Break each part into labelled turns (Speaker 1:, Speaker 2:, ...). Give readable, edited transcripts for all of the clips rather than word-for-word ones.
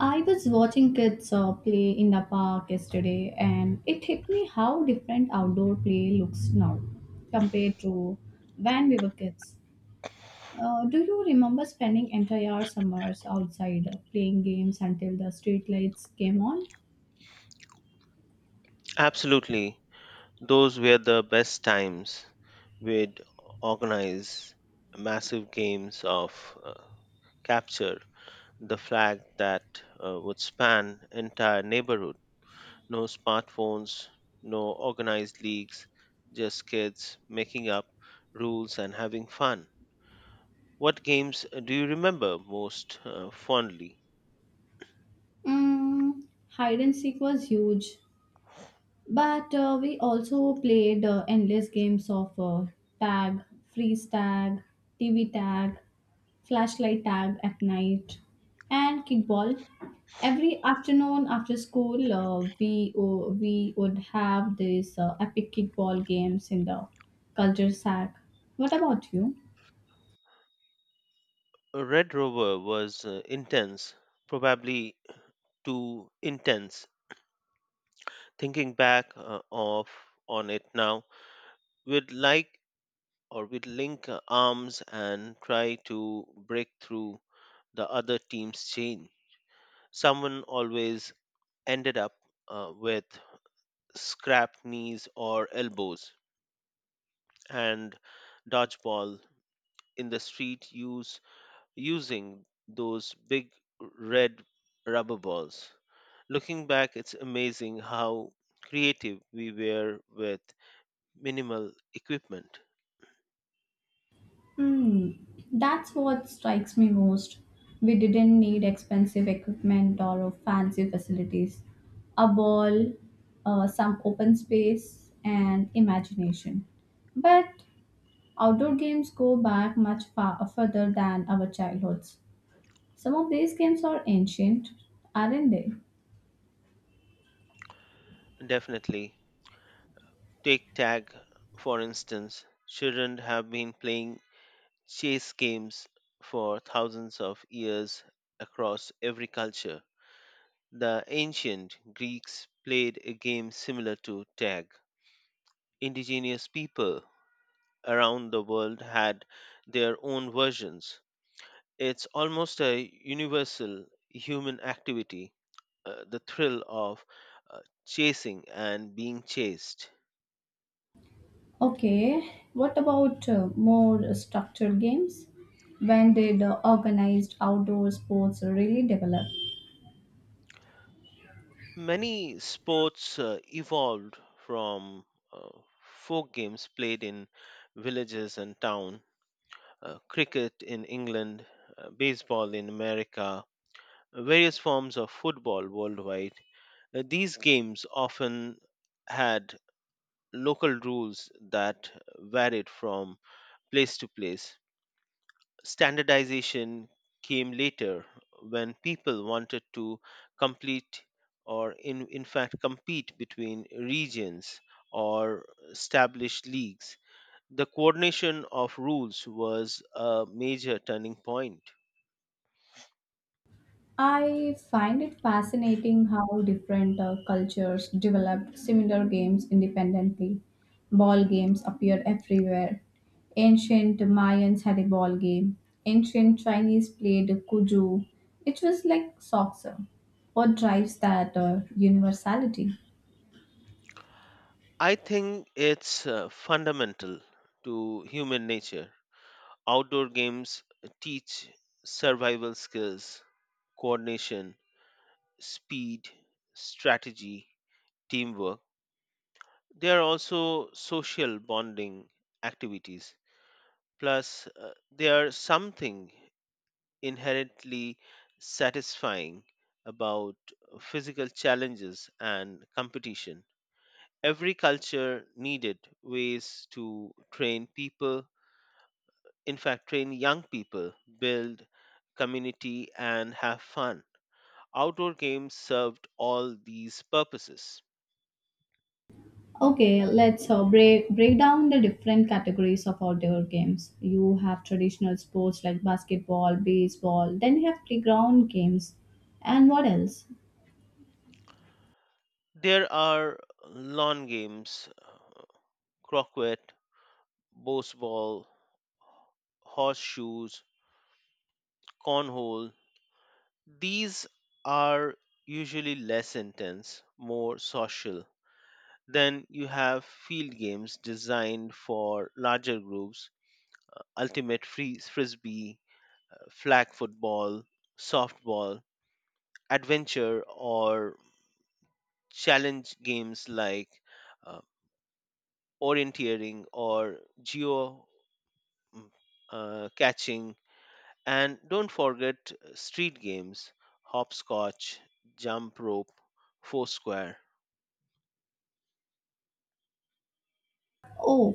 Speaker 1: I was watching kids play in the park yesterday, and it hit me how different outdoor play looks now compared to when we were kids. Do you remember spending entire summers outside playing games until the street lights came on?
Speaker 2: Absolutely. Those were the best times. We'd organize massive games of uh, capture the flag that would span entire neighborhood. No smartphones, no organized leagues, just kids making up rules and having fun. What games do you remember most fondly?
Speaker 1: Mm, hide and seek was huge. But we also played endless games of tag, freeze tag, TV tag, flashlight tag at night, and kickball. Every afternoon after school, we would have these epic kickball games in the culture sack. What about you?
Speaker 2: Red Rover was intense, probably too intense thinking back of on it now. We'd like or we'd link arms and try to break through the other team's chain. Someone always ended up with scrap knees or elbows. And dodgeball in the street use using those big red rubber balls. Looking back, it's amazing how creative we were with minimal equipment.
Speaker 1: Hmm, that's what strikes me most. We didn't need expensive equipment or fancy facilities. A ball, some open space, and imagination. But outdoor games go back much far further than our childhoods. Some of these games are ancient, aren't they?
Speaker 2: Definitely. Take tag, for instance. Children have been playing chase games for thousands of years across every culture. The ancient Greeks played a game similar to tag. Indigenous people around the world had their own versions. It's almost a universal human activity, the thrill of uh, chasing and being chased.
Speaker 1: Okay, what about more structured games? When did organized outdoor sports really develop?
Speaker 2: Many sports evolved from uh, folk games played in villages and town, cricket in England, baseball in America, various forms of football worldwide. These games often had local rules that varied from place to place. Standardization came later when people wanted to complete, or in fact compete, between regions or established leagues. The coordination of rules was a major turning point.
Speaker 1: I find it fascinating how different cultures developed similar games independently. Ball games appeared everywhere. Ancient Mayans had a ball game. Ancient Chinese played kuju, which was like soccer. What drives that universality?
Speaker 2: I think it's fundamental to human nature. Outdoor games teach survival skills, coordination, speed, strategy, teamwork. There are also social bonding activities. Plus, there are something inherently satisfying about physical challenges and competition. Every culture needed ways to train people, in fact, train young people, build community, and have fun. Outdoor games served all these purposes.
Speaker 1: Okay, let's break down the different categories of outdoor games. You have traditional sports like basketball, baseball. Then you have playground games, and what else?
Speaker 2: There are lawn games, croquet, Boseball, horseshoes, cornhole. These are usually less intense, more social. Then you have field games designed for larger groups, ultimate free frisbee, flag football, softball, adventure or challenge games like uh, orienteering or geo mm, catching. And don't forget street games, hopscotch, jump rope, foursquare.
Speaker 1: Oh,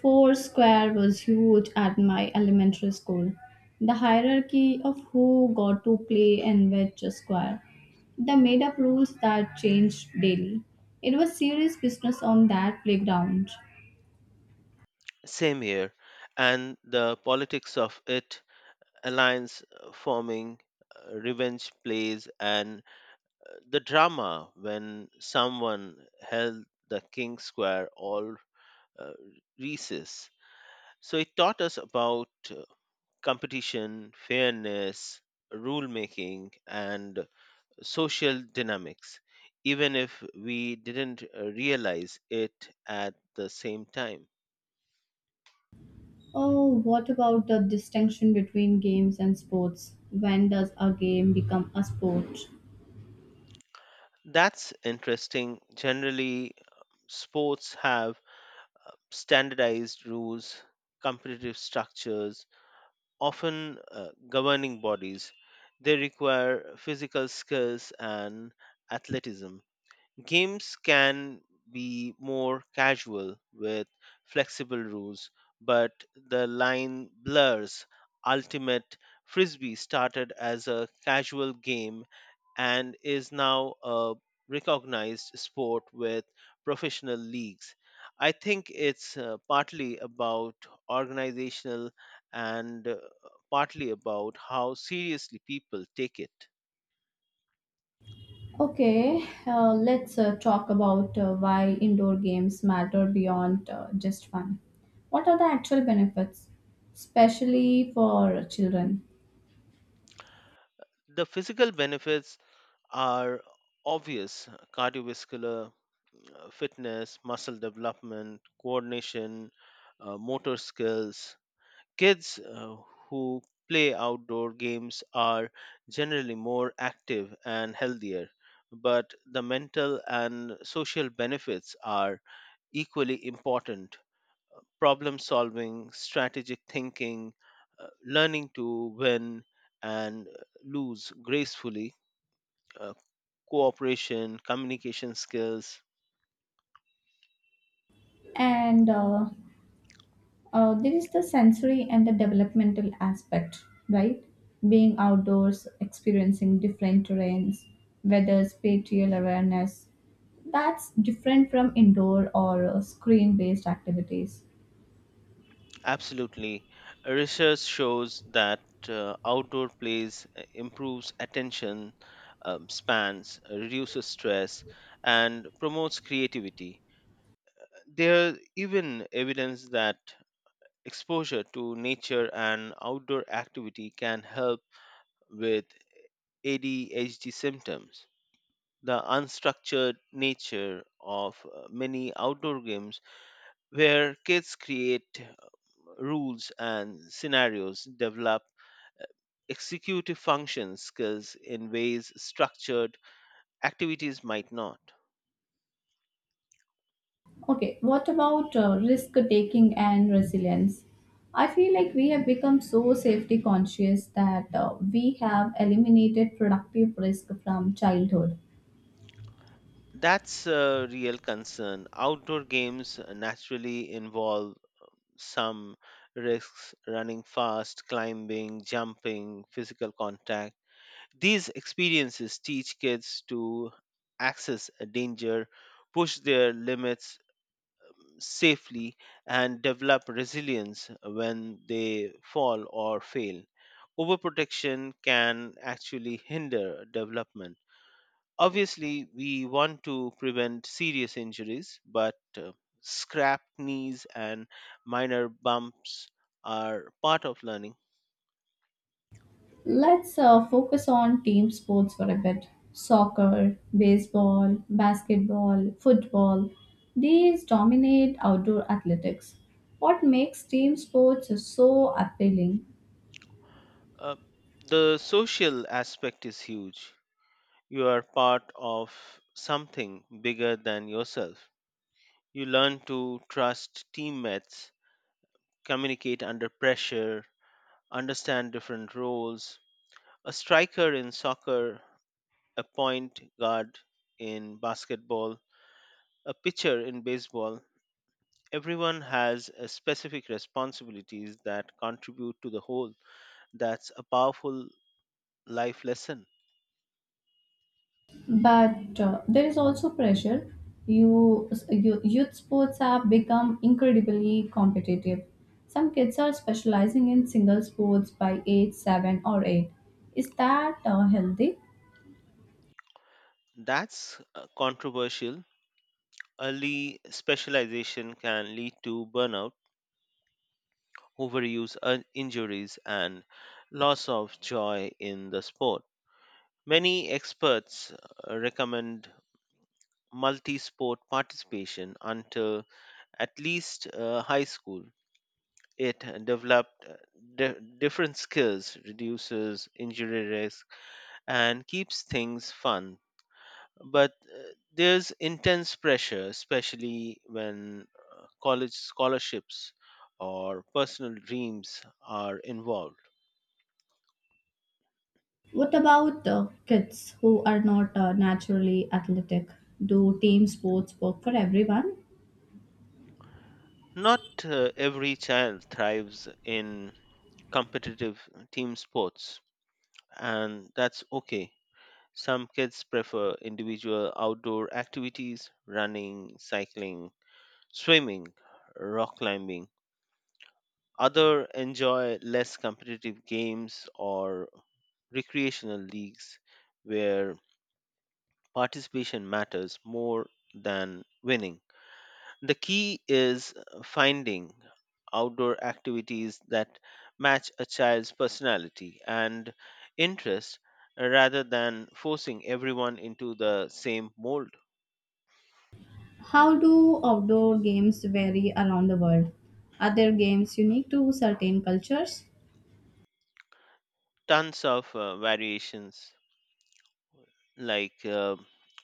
Speaker 1: Foursquare was huge at my elementary school. The hierarchy of who got to play in which square. They made up rules that changed daily. It was serious business on that playground.
Speaker 2: Same here. And the politics of it, alliance forming, revenge plays, and the drama when someone held the king square all uh, recess. So it taught us about competition, fairness, rule making, and social dynamics, even if we didn't realize it at the same time.
Speaker 1: Oh, what about the distinction between games and sports? When does a game become a sport?
Speaker 2: That's interesting. Generally, sports have standardized rules, competitive structures, often governing bodies. They require physical skills and athleticism. Games can be more casual with flexible rules, but the line blurs. Ultimate Frisbee started as a casual game and is now a recognized sport with professional leagues. I think it's partly about organizational and partly about how seriously people take it.
Speaker 1: Okay, let's talk about why indoor games matter beyond just fun. What are the actual benefits, especially for children?
Speaker 2: The physical benefits are obvious: cardiovascular fitness, muscle development, coordination, motor skills. Kids who play outdoor games are generally more active and healthier, but the mental and social benefits are equally important. Problem solving, strategic thinking, learning to win and lose gracefully, uh, cooperation, communication skills.
Speaker 1: And there is the sensory and the developmental aspect, right? Being outdoors, experiencing different terrains, weather, spatial awareness. That's different from indoor or screen based activities.
Speaker 2: Absolutely. Research shows that outdoor plays improves attention spans, reduces stress, and promotes creativity. There is even evidence that exposure to nature and outdoor activity can help with ADHD symptoms. The unstructured nature of many outdoor games, where kids create rules and scenarios, develop executive function skills in ways structured activities might not.
Speaker 1: Okay, what about risk taking and resilience? I feel like we have become so safety conscious that we have eliminated productive risk from childhood.
Speaker 2: That's a real concern. Outdoor games naturally involve some risks: running fast, climbing, jumping, physical contact. These experiences teach kids to access a danger, push their limits safely, and develop resilience when they fall or fail. Overprotection can actually hinder development. Obviously, we want to prevent serious injuries, but scrap knees and minor bumps are part of learning.
Speaker 1: Let's focus on team sports for a bit. Soccer, baseball, basketball, football, these dominate outdoor athletics. What makes team sports so appealing?
Speaker 2: Uh, the social aspect is huge. You are part of something bigger than yourself. You learn to trust teammates, communicate under pressure, understand different roles. A striker in soccer, a point guard in basketball, a pitcher in baseball. Everyone has a specific responsibilities that contribute to the whole. That's a powerful life lesson.
Speaker 1: But there is also pressure. Youth sports have become incredibly competitive. Some kids are specializing in single sports by age 7 or 8. Is that healthy?
Speaker 2: That's controversial. Early specialization can lead to burnout, overuse, injuries, and loss of joy in the sport. Many experts recommend multi sport participation until at least high school. It developed different skills, reduces injury risk, and keeps things fun. But there's intense pressure, especially when college scholarships or personal dreams are involved.
Speaker 1: What about kids who are not naturally athletic? Do team sports work for everyone?
Speaker 2: Not every child thrives in competitive team sports, and that's okay. Some kids prefer individual outdoor activities: running, cycling, swimming, rock climbing. Other enjoy less competitive games or recreational leagues where participation matters more than winning. The key is finding outdoor activities that match a child's personality and interest, rather than forcing everyone into the same mold.
Speaker 1: How do outdoor games vary around the world? Are there games unique to certain cultures?
Speaker 2: Tons of variations, like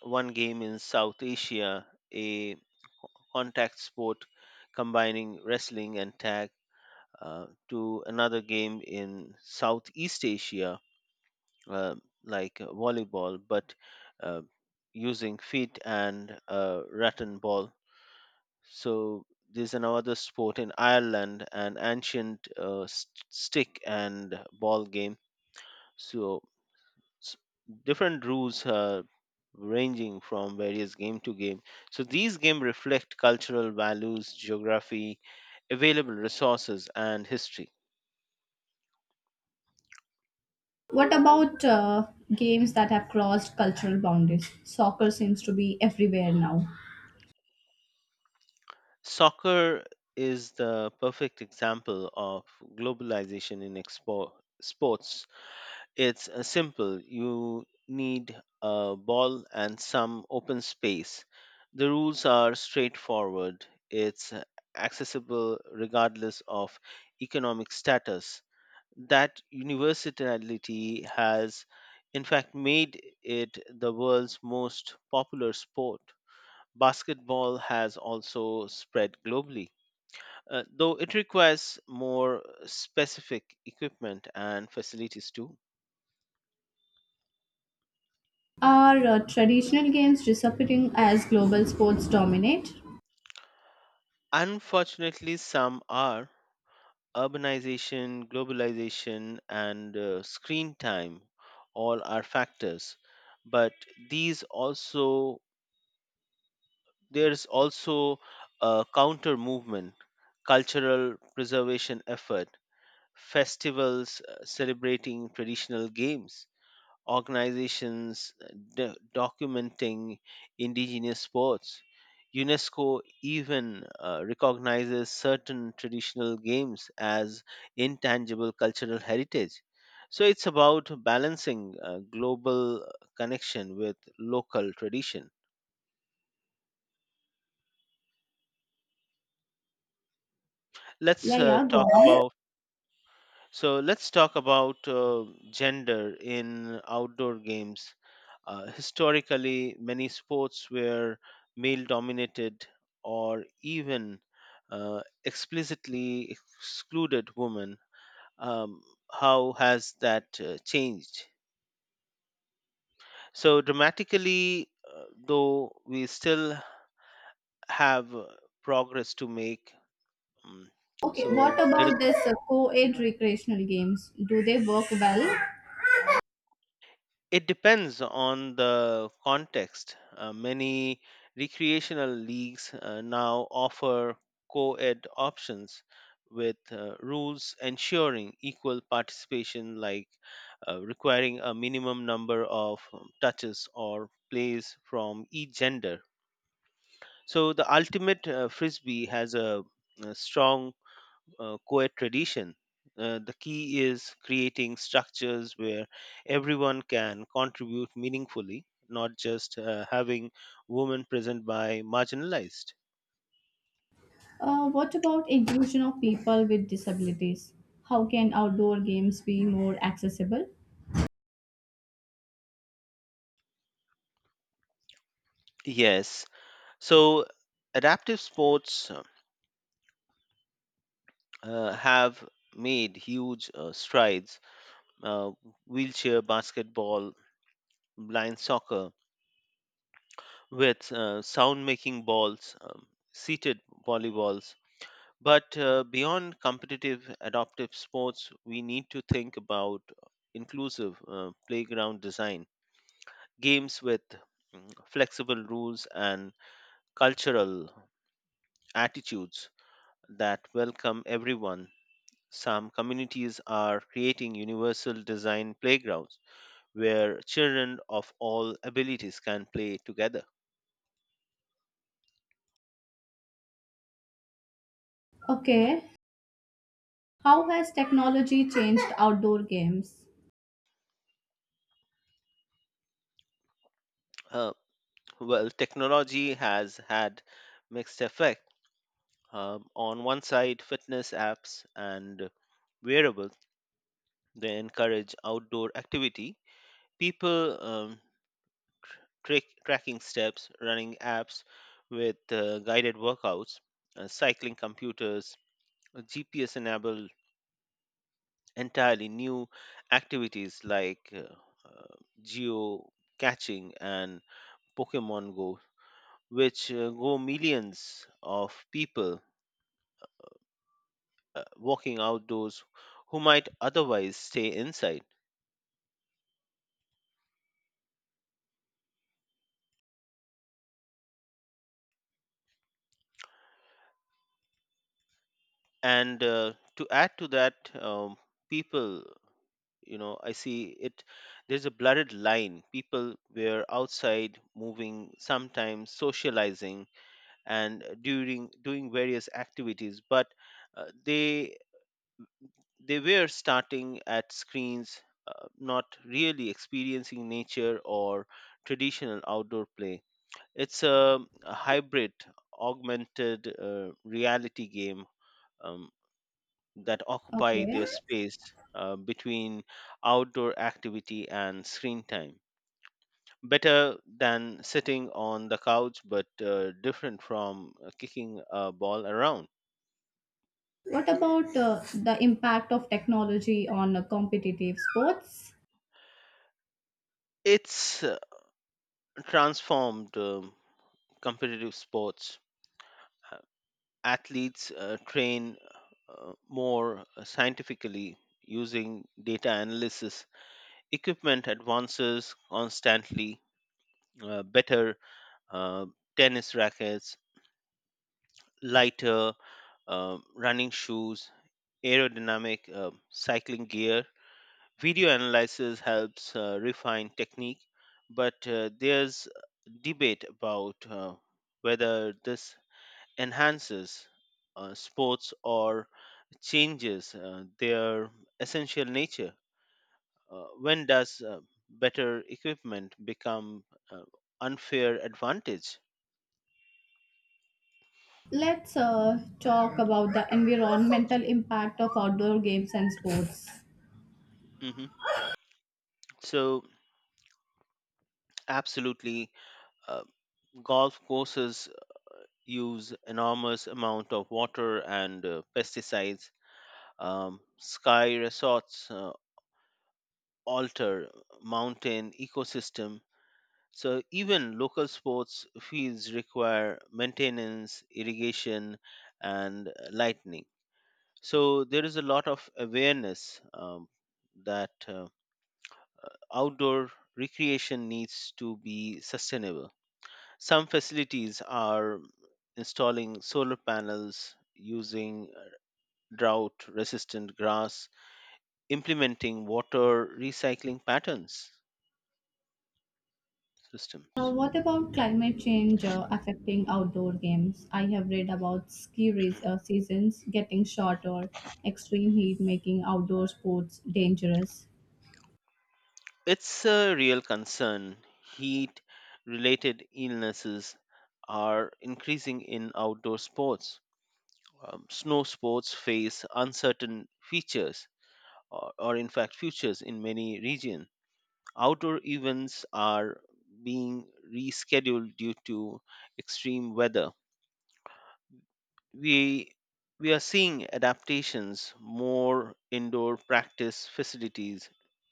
Speaker 2: one game in South Asia, a contact sport combining wrestling and tag, to another game in Southeast Asia, uh, like volleyball, but uh, using feet and rattan ball. So there's another sport in Ireland, an ancient stick and ball game. So s- different rules, ranging from various game to game. So these games reflect cultural values, geography, available resources, and history.
Speaker 1: What about games that have crossed cultural boundaries? Soccer seems to be everywhere now.
Speaker 2: Soccer is the perfect example of globalization in sports. It's simple. You need a ball and some open space. The rules are straightforward. It's accessible regardless of economic status. That universality has, in fact, made it the world's most popular sport. Basketball has also spread globally, though it requires more specific equipment and facilities too.
Speaker 1: Are traditional games disappearing as global sports dominate?
Speaker 2: Unfortunately, some are. Urbanization, globalization, and screen time all are factors, but these also there's also a counter movement: cultural preservation effort, festivals celebrating traditional games, organizations documenting indigenous sports. UNESCO even recognizes certain traditional games as intangible cultural heritage. So it's about balancing global connection with local tradition.
Speaker 1: Yeah,
Speaker 2: Let's
Speaker 1: yeah, go
Speaker 2: talk
Speaker 1: on.
Speaker 2: about So let's talk about gender in outdoor games. Historically, many sports were male dominated or even explicitly excluded women. Um, how has that changed? So, dramatically, though, we still have progress to make. Um,
Speaker 1: Okay, what
Speaker 2: so, there is
Speaker 1: about this co-ed recreational games? Do they work well?
Speaker 2: It depends on the context. Many recreational leagues now offer co ed options with rules ensuring equal participation, like requiring a minimum number of touches or plays from each gender. So, the ultimate frisbee has a strong co-ed tradition. The key is creating structures where everyone can contribute meaningfully, not just having women present by marginalized.
Speaker 1: What about inclusion of people with disabilities? How can outdoor games be more accessible?
Speaker 2: Yes. So adaptive sports have made huge strides. Uh, wheelchair basketball, blind soccer, with sound making balls, seated volleyballs. But beyond competitive adaptive sports, we need to think about inclusive playground design, games with flexible rules, and cultural attitudes that welcome everyone. Some communities are creating universal design playgrounds where children of all abilities can play together.
Speaker 1: Okay, how has technology changed outdoor games?
Speaker 2: Uh, well, technology has had mixed effects. On one side, fitness apps and wearables, they encourage outdoor activity. People tracking steps, running apps with guided workouts, cycling computers, GPS-enabled entirely new activities like uh, geo catching and Pokemon Go, which go millions of people walking outdoors who might otherwise stay inside. And to add to that, um, people, I see it, there's a blurred line. People were outside moving, sometimes socializing and during doing various activities, but uh, they they were starting at screens, not really experiencing nature or traditional outdoor play. It's a hybrid augmented reality game um, that occupy
Speaker 1: Okay.
Speaker 2: their space between outdoor activity and screen time. Better than sitting on the couch, but different from kicking a ball around.
Speaker 1: What about the impact of technology on competitive sports?
Speaker 2: It's transformed competitive sports. Uh, Athletes train more scientifically using data analysis. Equipment advances constantly: better uh, tennis rackets, lighter running shoes, aerodynamic cycling gear. Video analysis helps refine technique, but there's debate about whether this enhances sports or changes their essential nature. When does better equipment become uh, unfair advantage?
Speaker 1: Let's talk about the environmental impact of outdoor games and sports.
Speaker 2: hmm So, absolutely, uh, golf courses use enormous amount of water and pesticides. Sky resorts alter mountain ecosystem. So even local sports fields require maintenance, irrigation, and lightning. So there is a lot of awareness, that outdoor recreation needs to be sustainable. Some facilities are installing solar panels, using drought resistant grass, implementing water recycling patterns
Speaker 1: Uh,
Speaker 2: systems.
Speaker 1: what about climate change affecting outdoor games? I have read about ski race, seasons getting shorter, extreme heat making outdoor sports dangerous.
Speaker 2: It's a real concern. Heat related illnesses are increasing in outdoor sports. Snow sports face uncertain features, or in fact futures, in many regions. Outdoor events are being rescheduled due to extreme weather. We we are seeing adaptations, more indoor practice facilities,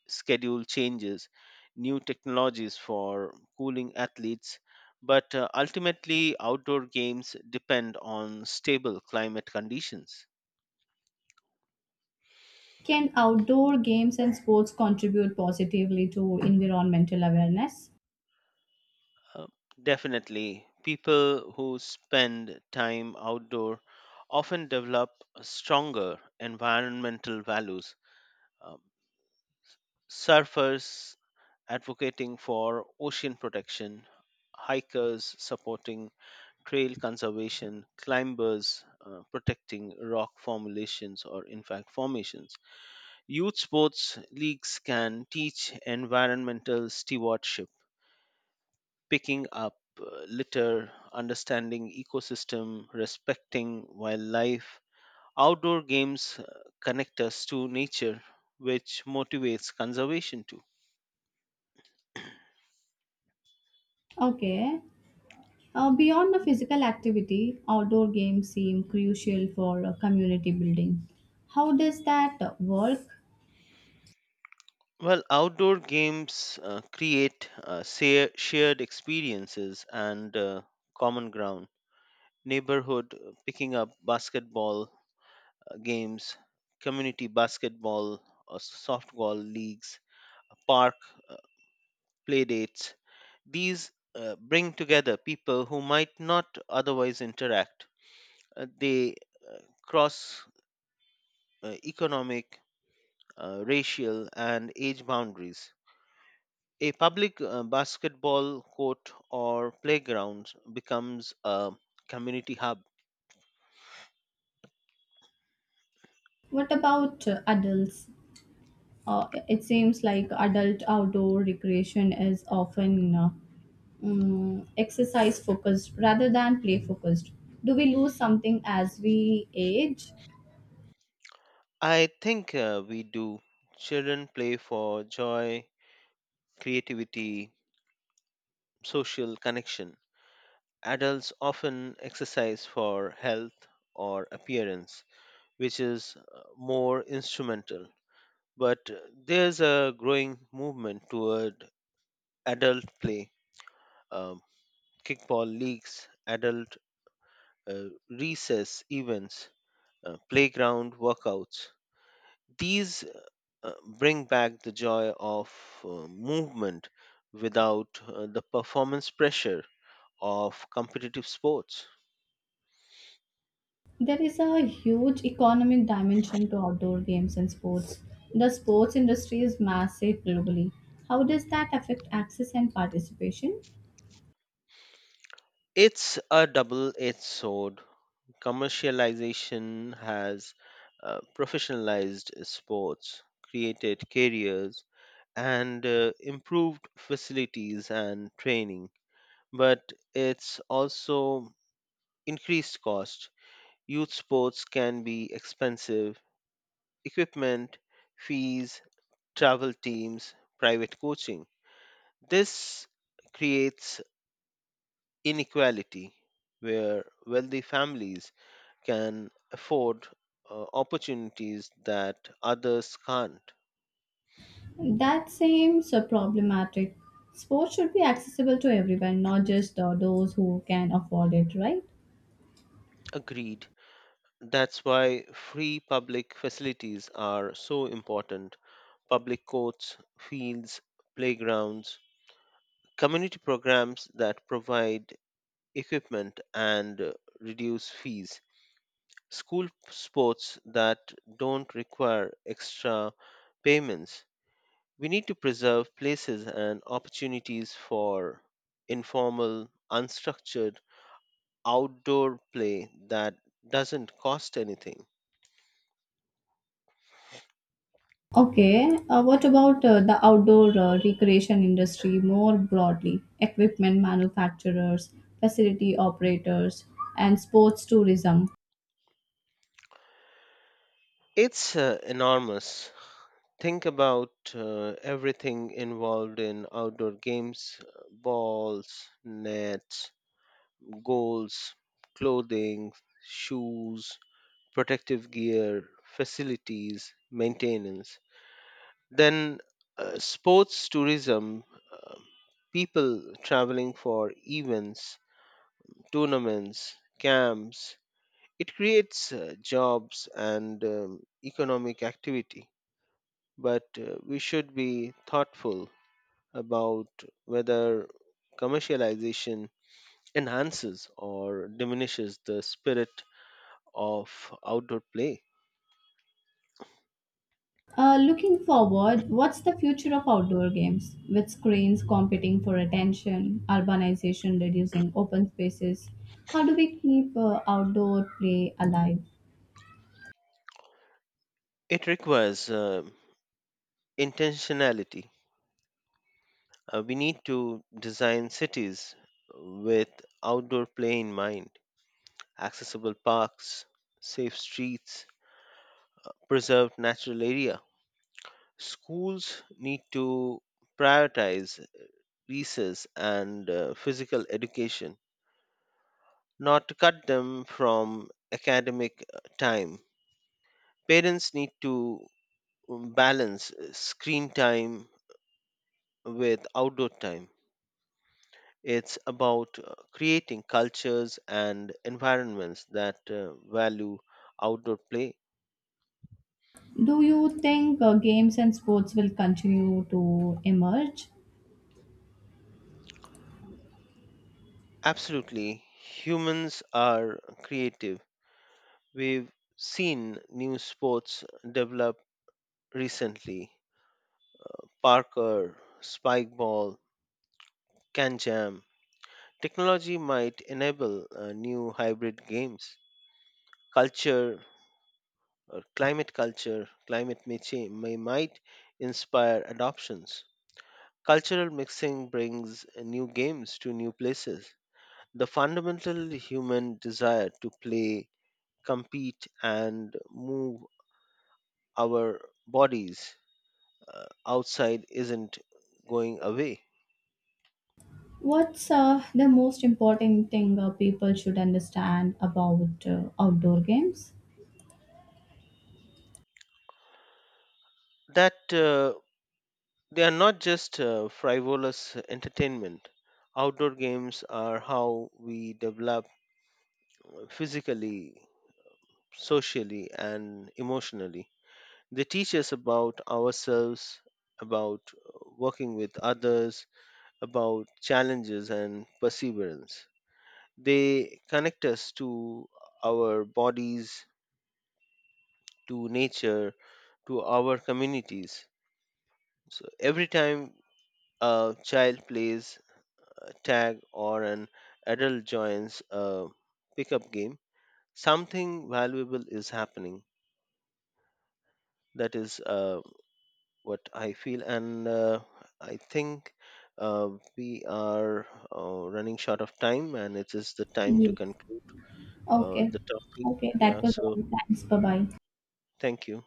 Speaker 2: schedule changes, new technologies for cooling athletes, but ultimately outdoor games depend on stable climate conditions.
Speaker 1: Can outdoor games and sports contribute positively to environmental awareness?
Speaker 2: Uh, Definitely, people who spend time outdoor often develop stronger environmental values. Um Surfers advocating for ocean protection, hikers supporting trail conservation, climbers protecting rock formulations, or in fact formations. Youth sports leagues can teach environmental stewardship, picking up litter, understanding ecosystem, respecting wildlife. Outdoor games connect us to nature, which motivates conservation too.
Speaker 1: Okay, beyond the physical activity, outdoor games seem crucial for community building. How does that work?
Speaker 2: Well, outdoor games create shared experiences and common ground. Neighborhood picking up basketball games, community basketball or softball leagues, park uh, play dates. These bring together people who might not otherwise interact. They cross economic, racial, and age boundaries. A public basketball court or playground becomes a community hub.
Speaker 1: What about adults? It seems like adult outdoor recreation is often exercise focused rather than play focused. Do we lose something as we age?
Speaker 2: I think we do. Children play for joy, creativity, social connection. Adults often exercise for health or appearance, which is more instrumental. But there's a growing movement toward adult play, um, kickball leagues, adult recess events, playground workouts. These uh, bring back the joy of movement without the performance pressure of competitive sports.
Speaker 1: There is a huge economic dimension to outdoor games and sports. The sports industry is massive globally. How does that affect access and participation?
Speaker 2: It's a double edged sword. Commercialization has professionalized sports, created careers, and improved facilities and training, but it's also increased cost. Youth sports can be expensive: equipment, fees, travel teams, private coaching. This creates inequality where wealthy families can afford opportunities that others can't.
Speaker 1: That seems problematic. Sports should be accessible to everyone, not just those who can afford it, right?
Speaker 2: Agreed. That's why free public facilities are so important. Public courts, fields, playgrounds, community programs that provide equipment and reduce fees. School sports that don't require extra payments. We need to preserve places and opportunities for informal, unstructured outdoor play that doesn't cost anything.
Speaker 1: Okay, what about the outdoor recreation industry more broadly? Equipment manufacturers, facility operators, and sports tourism.
Speaker 2: It's enormous. Think about everything involved in outdoor games: balls, nets, goals, clothing, shoes, protective gear, facilities, maintenance. Then sports tourism, uh, people traveling for events, tournaments, camps. It creates jobs and economic activity, but we should be thoughtful about whether commercialization enhances or diminishes the spirit of outdoor play.
Speaker 1: Looking forward, what's the future of outdoor games? With screens competing for attention, urbanization reducing open spaces, how do we keep outdoor play alive?
Speaker 2: It requires intentionality. We need to design cities with outdoor play in mind, accessible parks, safe streets, preserved natural area. Schools need to prioritize recess and physical education, not to cut them from academic time. Parents need to balance screen time with outdoor time. It's about creating cultures and environments that value outdoor play.
Speaker 1: Do you think games and sports will continue to emerge?
Speaker 2: Absolutely, humans are creative. We've seen new sports develop recently: parkour, spike ball, can jam. Technology might enable new hybrid games. Culture, Culture, climate may, might inspire adoptions. Cultural mixing brings new games to new places. The fundamental human desire to play, compete, and move our bodies outside isn't going away.
Speaker 1: What's the most important thing people should understand about outdoor games?
Speaker 2: That they are not just frivolous entertainment. Outdoor games are how we develop physically, socially, and emotionally. They teach us about ourselves, about working with others, about challenges and perseverance. They connect us to our bodies, to nature, to our communities. So every time a child plays a tag or an adult joins a pickup game, something valuable is happening. That is what I feel, and I think uh, we are running short of time, and it is the time to
Speaker 1: Yes.
Speaker 2: conclude
Speaker 1: Okay.
Speaker 2: the topic.
Speaker 1: Okay, that
Speaker 2: Yeah,
Speaker 1: was all.
Speaker 2: so
Speaker 1: Thanks. Bye bye.
Speaker 2: thank you.